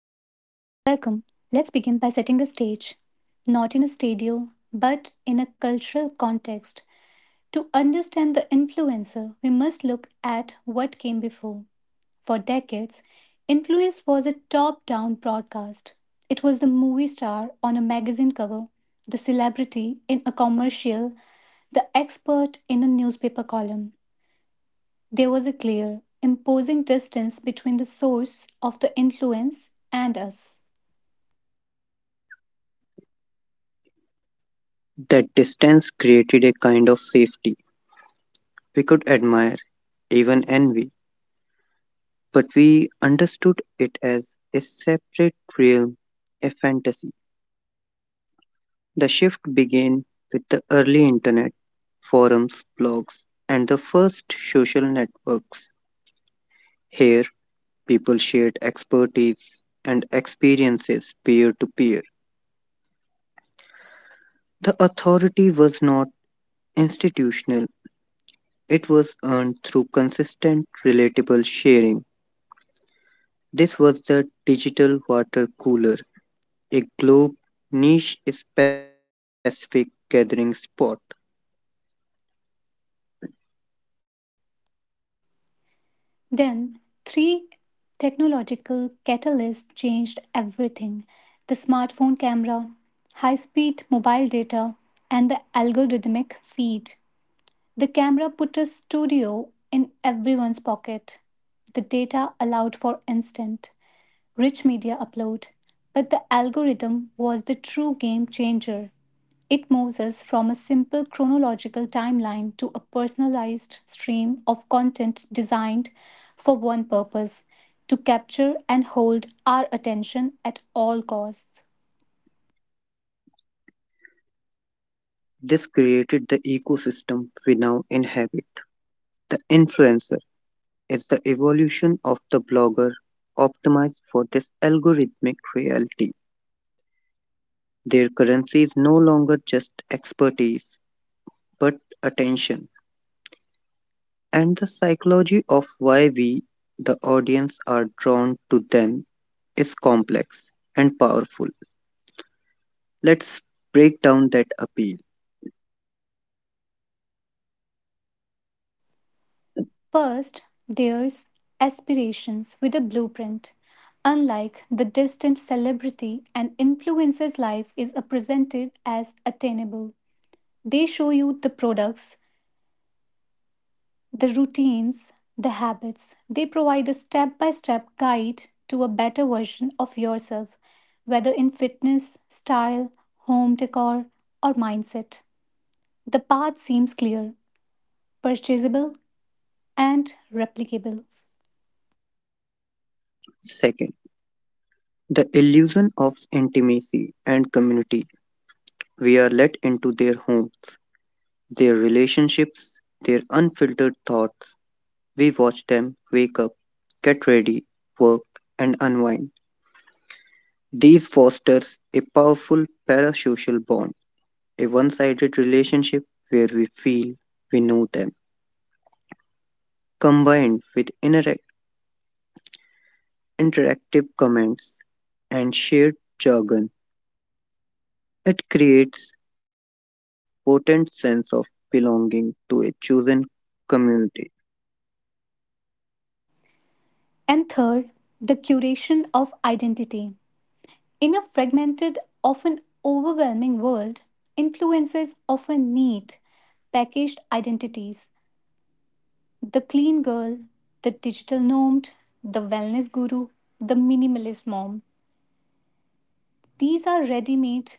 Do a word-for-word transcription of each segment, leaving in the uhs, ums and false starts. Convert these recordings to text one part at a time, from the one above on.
Welcome. Let's begin by setting the stage, not in a studio, but in a cultural context. To understand the influencer, we must look at what came before. For decades, influence was a top down broadcast. It was the movie star on a magazine cover, the celebrity in a commercial, the expert in a newspaper column. There was a clear, imposing distance between the source of the influence and us. That distance created a kind of safety we could admire, even envy, but we understood it as a separate realm, a fantasy. The shift began with the early internet, forums, blogs, and the first social networks. Here, people shared expertise and experiences peer to peer. The authority was not institutional, it was earned through consistent, relatable sharing. This was the digital water cooler, a globe niche specific gathering spot. Then, three technological catalysts changed everything the smartphone camera, high speed mobile data, and the algorithmic feed. The camera put a studio in everyone's pocket. The data allowed for instant, rich media upload. But the algorithm was the true game changer. It moves us from a simple chronological timeline to a personalized stream of content designed for one purpose to capture and hold our attention at all costs. This created the ecosystem we now inhabit. The influencer is the evolution of the blogger optimized for this algorithmic reality. Their currency is no longer just expertise, but attention, and the psychology of why we, the audience, are drawn to them is complex and powerful. Let's break down that appeal. First, there's aspirations with a blueprint. Unlike the distant celebrity, an influencer's life is uh, presented as attainable. They show you the products, the routines, the habits, they provide a step by step guide to a better version of yourself, whether in fitness, style, home decor, or mindset. The path seems clear, purchasable, and replicable. Second, the illusion of intimacy and community. We are let into their homes, their relationships, their unfiltered thoughts. We watch them wake up, get ready, work, and unwind. These fosters a powerful parasocial bond, a one sided relationship where we feel we know them, combined with interac- interactive comments and shared jargon. It creates potent sense of belonging to a chosen community. And third, the curation of identity. In a fragmented, often overwhelming world, influences often need packaged identities. The clean girl, the digital nomad, the wellness guru, the minimalist mom. These are ready made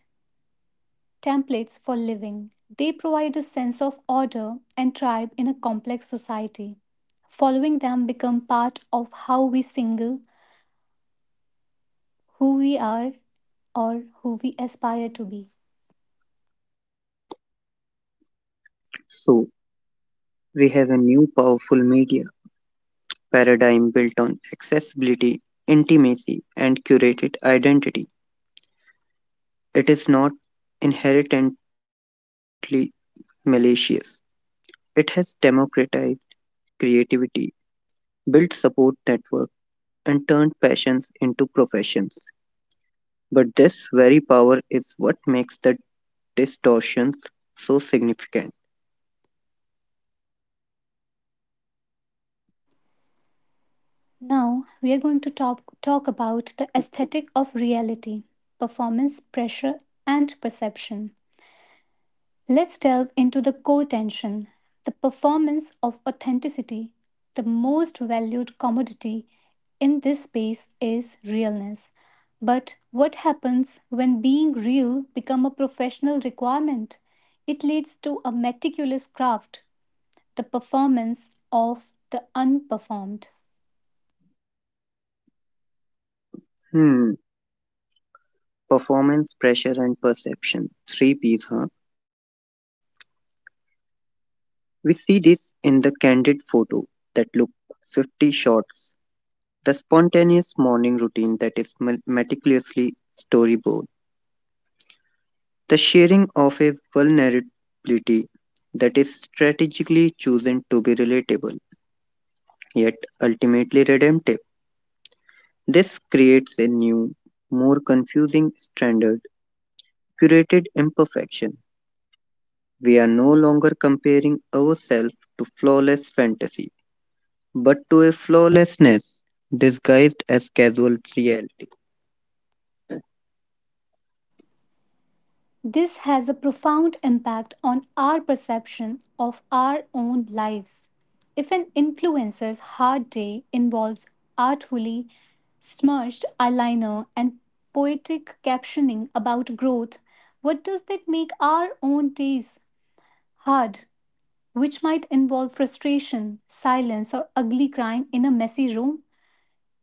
templates for living. They provide a sense of order and tribe in a complex society. Following them become part of how we single, who we are, or who we aspire to be. So we have a new powerful media paradigm built on accessibility, intimacy, and curated identity. It is not inherently malicious. It has democratized creativity, built support networks, and turned passions into professions. But this very power is what makes the distortions so significant. Now, we are going to talk, talk about the aesthetic of reality, performance, pressure, and perception. Let's delve into the core tension the performance of authenticity. The most valued commodity in this space is realness. But what happens when being real become a professional requirement? It leads to a meticulous craft, the performance of the unperformed. Hmm, performance pressure and perception. Three P's, huh? We see this in the candid photo that look fifty shots, the spontaneous morning routine that is me- meticulously storyboard, the sharing of a vulnerability that is strategically chosen to be relatable yet ultimately redemptive. This creates a new, more confusing standard, curated imperfection. We are no longer comparing ourselves to flawless fantasy, but to a flawlessness disguised as casual reality. This has a profound impact on our perception of our own lives. If an influencer's hard day involves artfully smirched eyeliner and poetic captioning about growth, what does that make our own days hard, which might involve frustration, silence, or ugly crying in a messy room?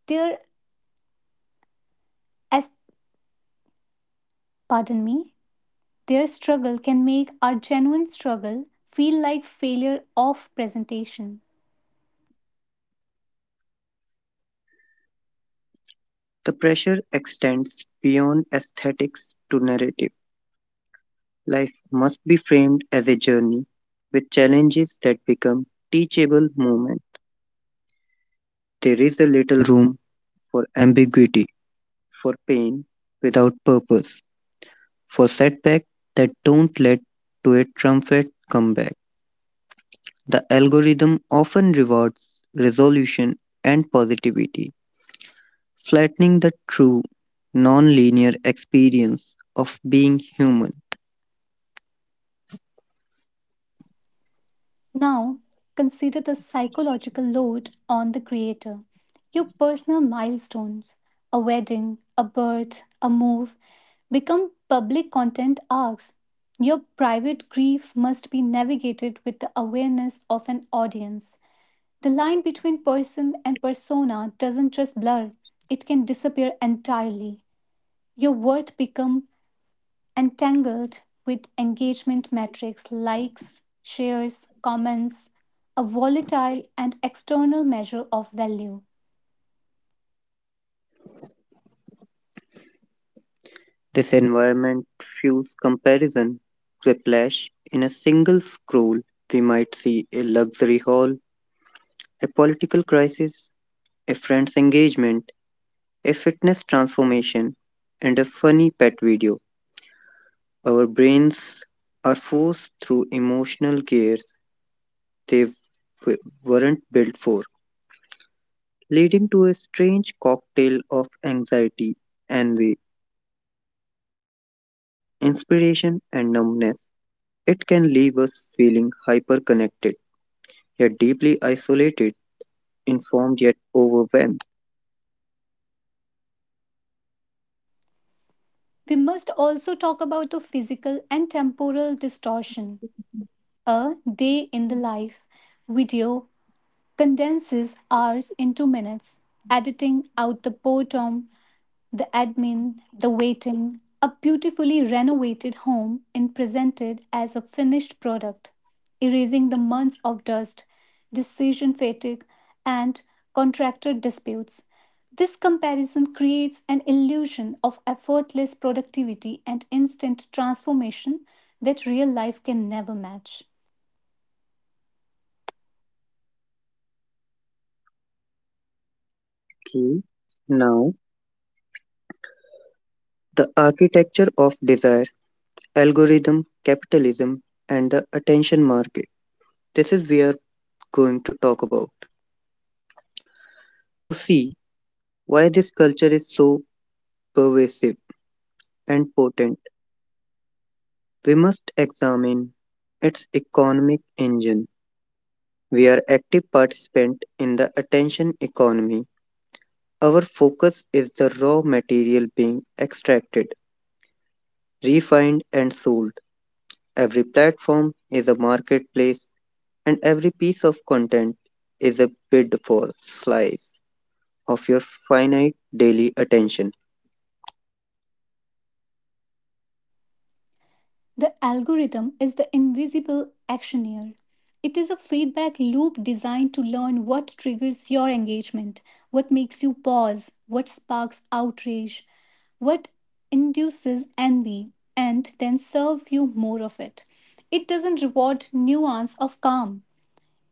There, as Pardon me. Their struggle can make our genuine struggle feel like failure of presentation. The pressure extends beyond aesthetics to narrative. Life must be framed as a journey with challenges that become teachable moments. There is a little room for ambiguity, for pain without purpose, for setbacks that don't lead to a triumphant comeback. The algorithm often rewards resolution and positivity, flattening the true non-linear experience of being human. Now, consider the psychological load on the creator. Your personal milestones, a wedding, a birth, a move, become public content arcs. Your private grief must be navigated with the awareness of an audience. The line between person and persona doesn't just blur, it can disappear entirely. Your worth becomes entangled with engagement metrics, likes, shares, comments, a volatile and external measure of value. This environment fuels comparison whiplash. In a single scroll, we might see a luxury haul, a political crisis, a friend's engagement, a fitness transformation, and a funny pet video. Our brains are forced through emotional gears they w- weren't built for, leading to a strange cocktail of anxiety, envy, inspiration, and numbness. It can leave us feeling hyper connected yet deeply isolated, informed yet overwhelmed. We must also talk about the physical and temporal distortion. A day in the life video condenses hours into minutes, editing out the boredom, the admin, the waiting, a beautifully renovated home and presented as a finished product, erasing the months of dust, decision fatigue, and contractor disputes. This comparison creates an illusion of effortless productivity and instant transformation that real life can never match. Key now, the architecture of desire, algorithm, capitalism, and the attention market. This is we are going to talk about. To see why this culture is so pervasive and potent, we must examine its economic engine. We are active participants in the attention economy. Our focus is the raw material being extracted, refined, and sold. Every platform is a marketplace, and every piece of content is a bid for slice of your finite daily attention. The algorithm is the invisible actioneer. It is a feedback loop designed to learn what triggers your engagement, what makes you pause, what sparks outrage, what induces envy, and then serve you more of it. It doesn't reward nuance of calm.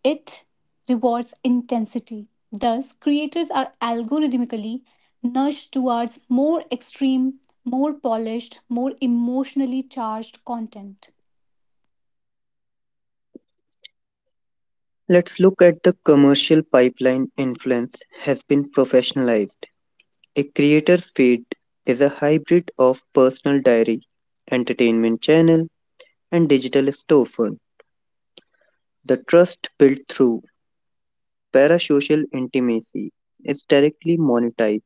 It rewards intensity. Thus, creators are algorithmically nudged towards more extreme, more polished, more emotionally charged content. Let's look at the commercial pipeline influence has been professionalized. A creator's feed is a hybrid of personal diary, entertainment channel, and digital storefront. The trust built through parasocial intimacy is directly monetized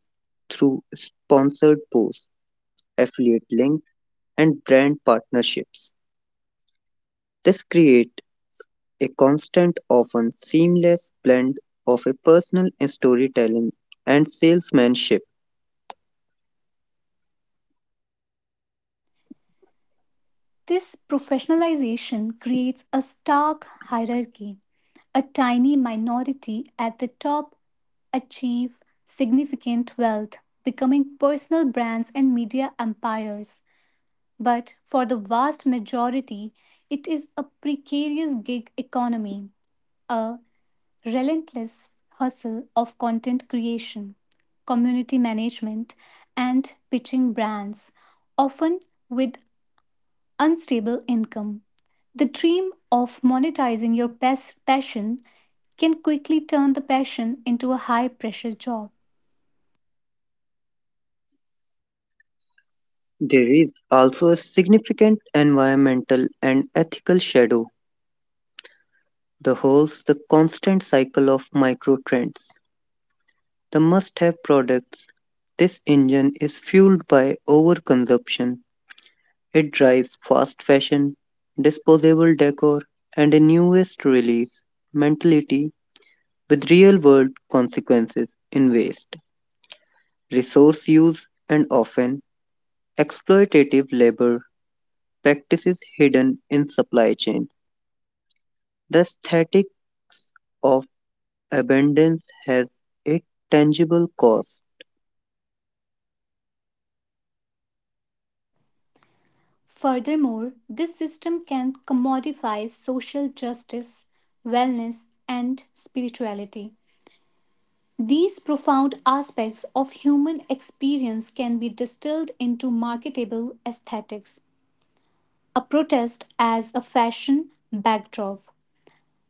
through sponsored posts, affiliate links, and brand partnerships. This creates a constant, often seamless blend of a personal storytelling and salesmanship. This professionalization creates a stark hierarchy. A tiny minority at the top achieve significant wealth, becoming personal brands and media empires. But for the vast majority, it is a precarious gig economy, a relentless hustle of content creation, community management, and pitching brands, often with unstable income. The dream of monetizing your pas- passion can quickly turn the passion into a high pressure job. There is also a significant environmental and ethical shadow that holds the constant cycle of micro trends. The must have products. This engine is fueled by overconsumption. It drives fast fashion, disposable decor, and a newest release mentality with real world consequences in waste, resource use, and often exploitative labor practices hidden in supply chain. The aesthetics of abundance has a tangible cost. Furthermore, this system can commodify social justice, wellness, and spirituality. These profound aspects of human experience can be distilled into marketable aesthetics. A protest as a fashion backdrop,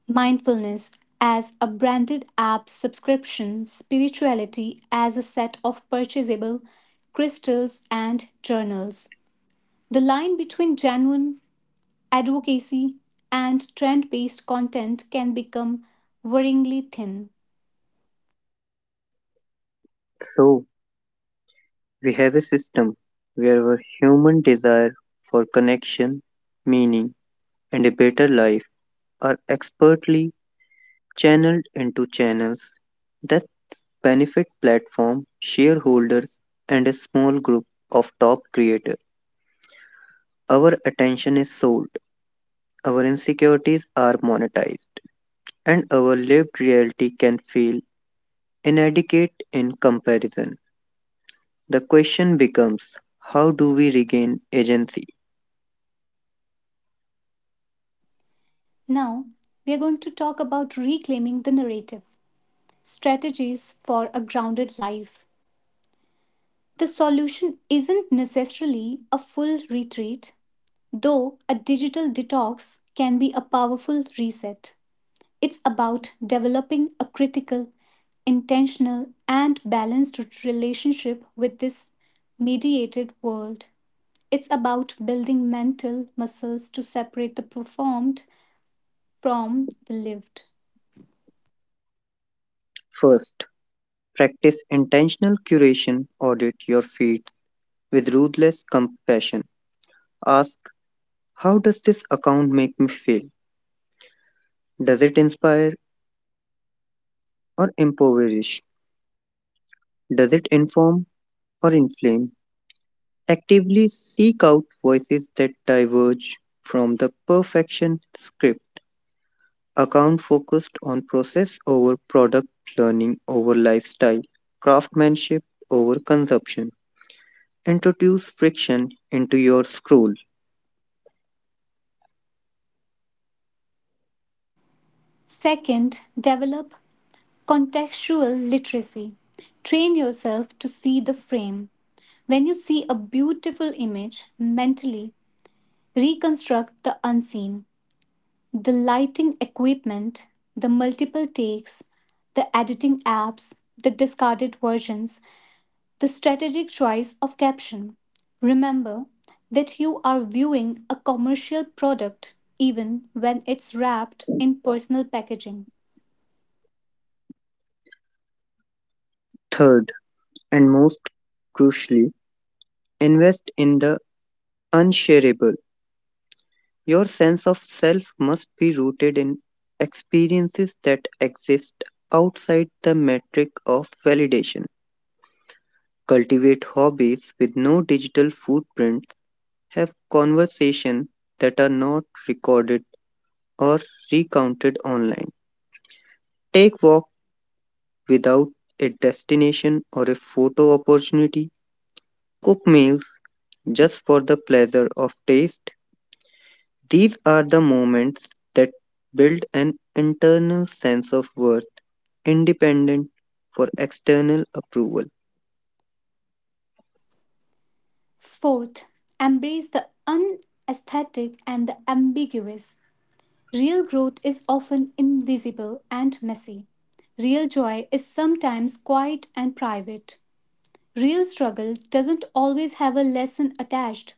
mindfulness as a branded app subscription, spirituality as a set of purchasable crystals and journals. The line between genuine advocacy and trend based content can become worryingly thin. So, we have a system where our human desire for connection, meaning, and a better life are expertly channeled into channels that benefit platform, shareholders, and a small group of top creators. Our attention is sold, our insecurities are monetized, and our lived reality can feel inadequate in comparison. The question becomes how do we regain agency? Now, we are going to talk about reclaiming the narrative strategies for a grounded life. The solution isn't necessarily a full retreat, though a digital detox can be a powerful reset. It's about developing a critical, intentional, and balanced relationship with this mediated world. It's about building mental muscles to separate the performed from the lived. First, practice intentional curation, audit your feed with ruthless compassion. Ask how does this account make me feel? Does it inspire or impoverish? Does it inform or inflame, actively seek out voices that diverge from the perfection script, account focused on process over product, learning over lifestyle, craftsmanship over consumption. Introduce friction into your scroll. Second, develop contextual literacy. Train yourself to see the frame. When you see a beautiful image, mentally reconstruct the unseen. The lighting equipment, the multiple takes, the editing apps, the discarded versions, the strategic choice of caption. Remember that you are viewing a commercial product even when it's wrapped in personal packaging. Third, and most crucially, invest in the unshareable. Your sense of self must be rooted in experiences that exist outside the metric of validation. Cultivate hobbies with no digital footprint, have conversations that are not recorded or recounted online, take walk without a destination or a photo opportunity, cook meals just for the pleasure of taste. These are the moments that build an internal sense of worth independent for external approval. Fourth, embrace the unaesthetic and the ambiguous. Real growth is often invisible and messy. Real joy is sometimes quiet and private. Real struggle doesn't always have a lesson attached.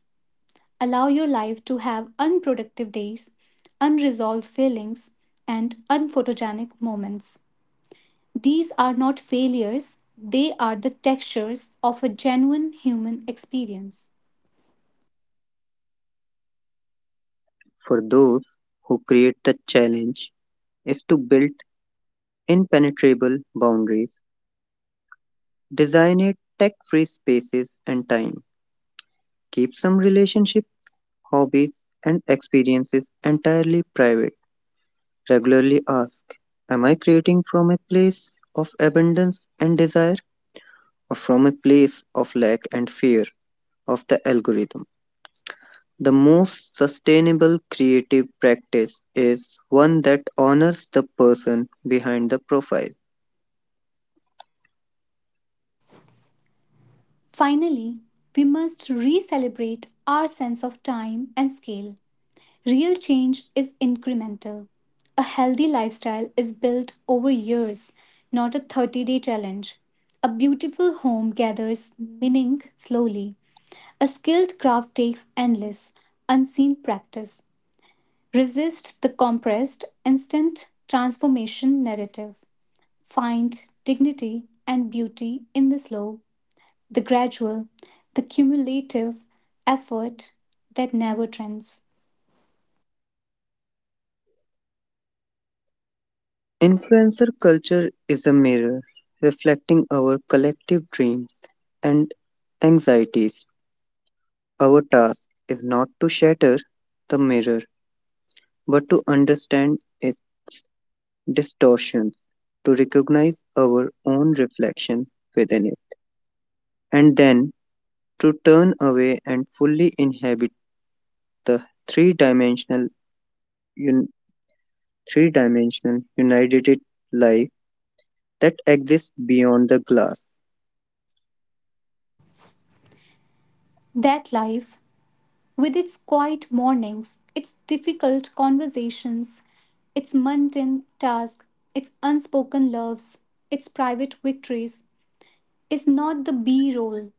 Allow your life to have unproductive days, unresolved feelings, and unphotogenic moments. These are not failures, they are the textures of a genuine human experience. For those who create the challenge is to build impenetrable boundaries. Design it tech free spaces and time. Keep some relationship, hobbies, and experiences entirely private. Regularly ask, am I creating from a place of abundance and desire, or from a place of lack and fear of the algorithm? The most sustainable creative practice is one that honors the person behind the profile. Finally, we must re celebrate our sense of time and scale. Real change is incremental. A healthy lifestyle is built over years, not a thirty day challenge. A beautiful home gathers meaning slowly. A skilled craft takes endless, unseen practice. Resist the compressed, instant transformation narrative. Find dignity and beauty in the slow, the gradual, the cumulative effort that never trends. Influencer culture is a mirror reflecting our collective dreams and anxieties. Our task is not to shatter the mirror, but to understand its distortions, to recognize our own reflection within it, and then to turn away and fully inhabit the three-dimensional, un- three-dimensional united life that exists beyond the glass. That life, with its quiet mornings, its difficult conversations, its mundane tasks, its unspoken loves, its private victories, is not the B roll,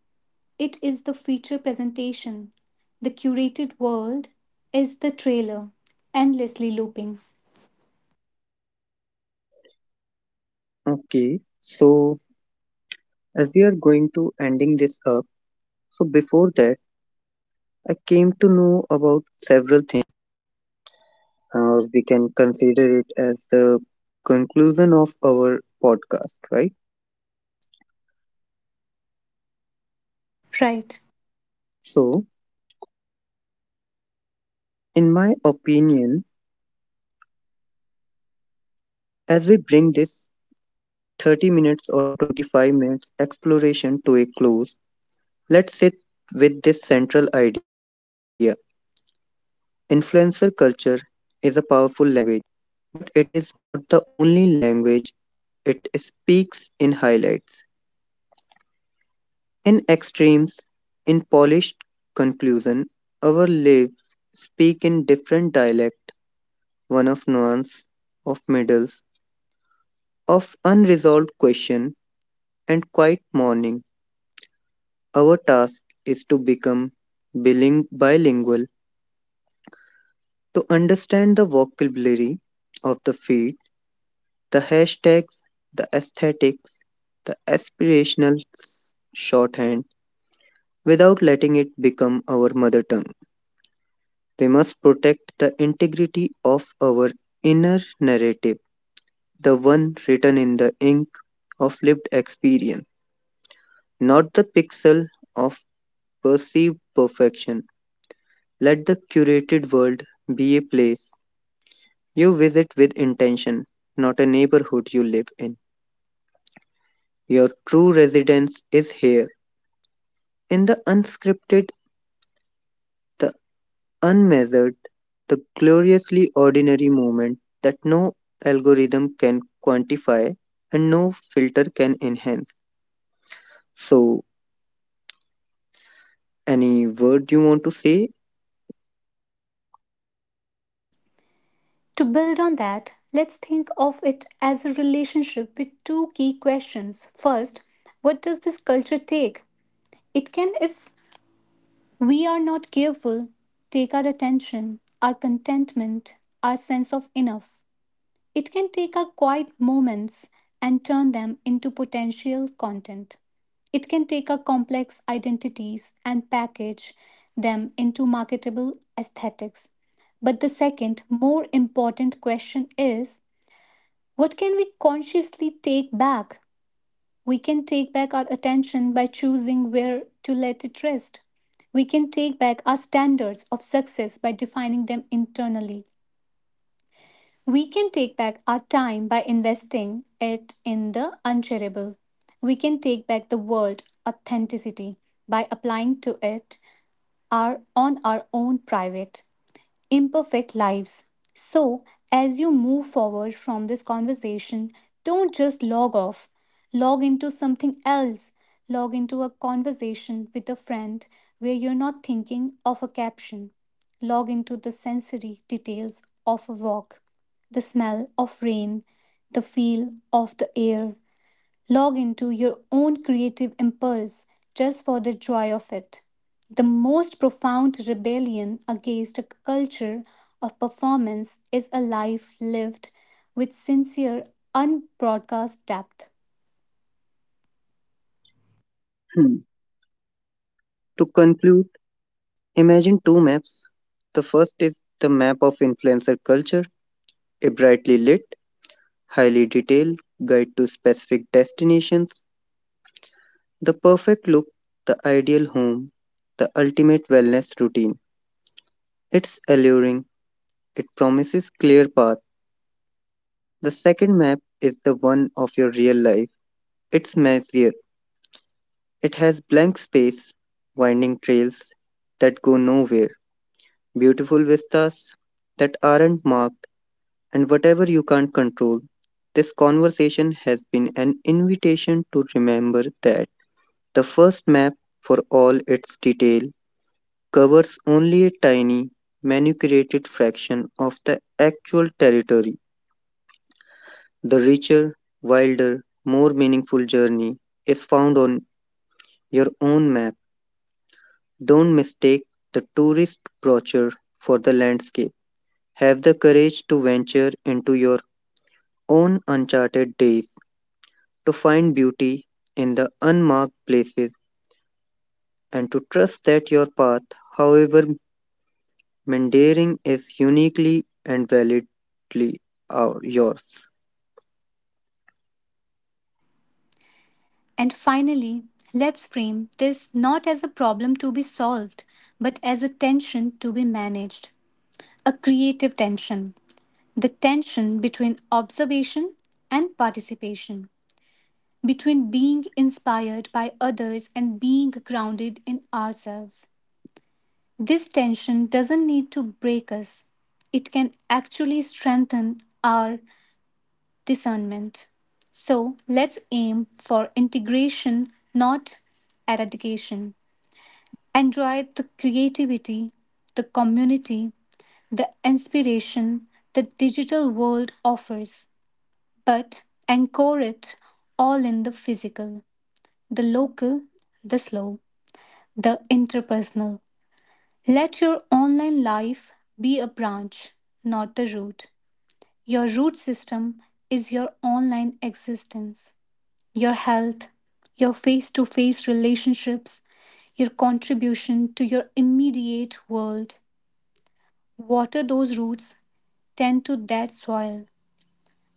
it is the feature presentation. The curated world is the trailer, endlessly looping. Okay, so as we are going to ending this up, so before that, I came to know about several or we can consider it as the conclusion of our podcast, right? Right. So, in my opinion, as we bring this thirty minutes or twenty-five minutes exploration to a close, let's sit with this central idea. Influencer culture is a powerful language, but it is not the only language it speaks in highlights, in extremes, in polished conclusion. Our lives speak in different dialect one of nuance, of medals, of unresolved question, and quiet mourning. Our task is to become biling- bilingual, to understand the vocabulary of the feed, the hashtags, the aesthetics, the aspirational s- shorthand, without letting it become our mother tongue. We must protect the integrity of our inner narrative, the one written in the ink of lived experience, not the pixel of perceived perfection. Let the curated world be a place you visit with intention, not a neighborhood you live in. Your true residence is here, in the unscripted, the unmeasured, the gloriously ordinary moment that no algorithm can quantify and no filter can enhance. So, any word you want to say. To build on that, let's think of it as a relationship with two key questions. First, what does this culture take? It can, if we are not careful, take our attention, our contentment, our sense of enough. It can take our quiet moments and turn them into potential content. It can take our complex identities and package them into marketable aesthetics. But the second, more important question is what can we consciously take back? We can take back our attention by choosing where to let it rest. We can take back our standards of success by defining them internally. We can take back our time by investing it in the unshareable. We can take back the word authenticity by applying to it our on our own private imperfect lives. So, as you move forward from this conversation, don't just log off. Log into something else. Log into a conversation with a friend where you're not thinking of a caption. Log into the sensory details of a walk, the smell of rain, the feel of the air, log into your own creative impulse just for the joy of it. The most profound rebellion against a culture of performance is a life lived with sincere, unbroadcast depth. Hmm. To conclude? Imagine two maps. The first is the map of influencer culture, a brightly lit, highly detailed guide to specific destinations, the perfect look, the ideal home, the ultimate wellness routine. It's alluring, it promises clear path. The second map is the one of your real life. It's messier. It has blank space, winding trails that go nowhere, beautiful vistas that aren't marked, and whatever you can't control. This conversation has been an invitation to remember that the first map, for all its detail, covers only a tiny, manipulated fraction of the actual territory. The richer, wilder, more meaningful journey is found on your own map. Don't mistake the tourist brochure for the landscape. Have the courage to venture into your own uncharted days, to find beauty in the unmarked places and to trust that your path, however meandering, is uniquely and validly uh, yours. And finally, let's frame this not as a problem to be solved, but as a tension to be managed. A creative tension, the tension between observation and participation, between being inspired by others and being grounded in ourselves. This tension doesn't need to break us, it can actually strengthen our discernment. So let's aim for integration, not eradication. Enjoy the creativity, the community, the inspiration the digital world offers, but anchor it all in the physical, the local, the slow. The interpersonal. Let your online life be a branch, not a root. Your root system is your online existence, your health, your face to face relationships, your contribution to your immediate world. Water those roots, tend to that soil.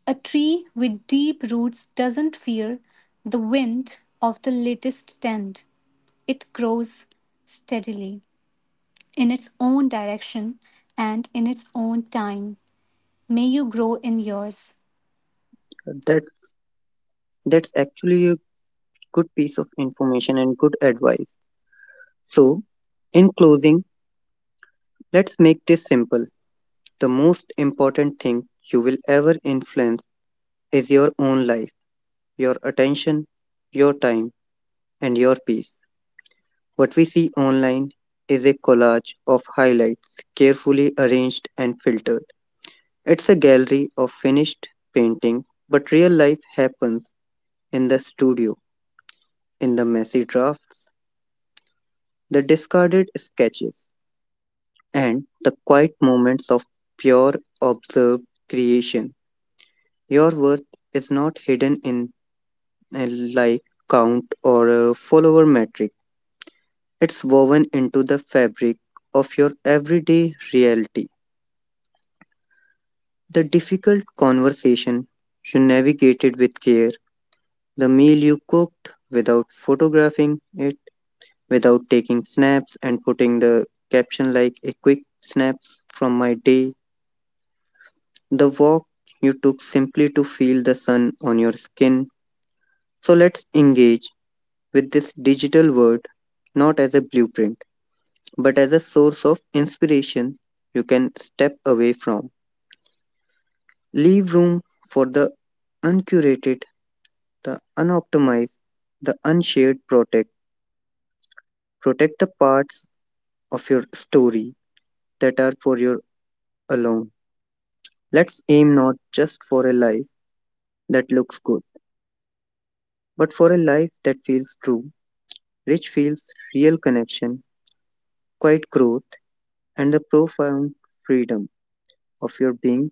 A tree with deep roots doesn't fear the wind of the latest tent, it grows steadily, in its own direction and in its own time. May you grow in yours. That's, that's actually a good piece of information and good advice. So, in closing, let's make this simple. The most important thing you will ever influence is your own life, your attention, your time, and your peace. What we see online is a collage of highlights, carefully arranged and filtered. It's a gallery of finished painting, but real life happens in the studio, in the messy drafts, the discarded sketches, and the quiet moments of pure observed creation. Your worth is not hidden in a like count or a follower metric. It's woven into the fabric of your everyday reality. The difficult conversation you navigated with care, the meal you cooked without photographing it, without taking snaps and putting the caption like a quick snap from my day, the walk you took simply to feel the sun on your skin. So let's engage with this digital world not as a blueprint, but as a source of inspiration you can step away from. Leave room for the uncurated the unoptimized, the unshared protect. Protect the parts of your story that are for your alone. Let's aim not just for a life that looks good, but for a life that feels true, rich feels real connection, quiet growth, and the profound freedom of your being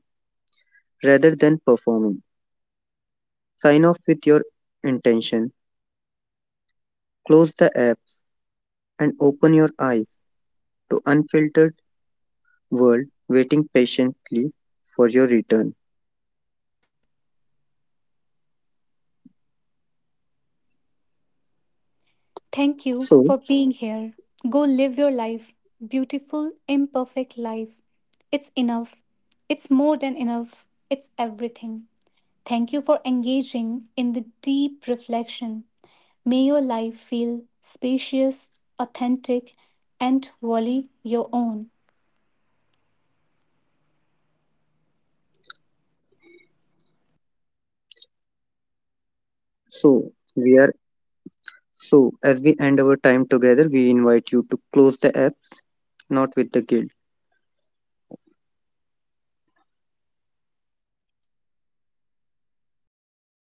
rather than performing. Sign off with your intention, close the apps, and open your eyes to unfiltered world waiting patiently for your return. Thank you So for being here. Go live your life, beautiful, imperfect life. It's enough. It's more than enough. It's everything. Thank you for engaging in the deep reflection. May your life feel spacious, authentic, and wholly your own. So we are so as we end our time together, we invite you to close the app, not with the guilt. So thank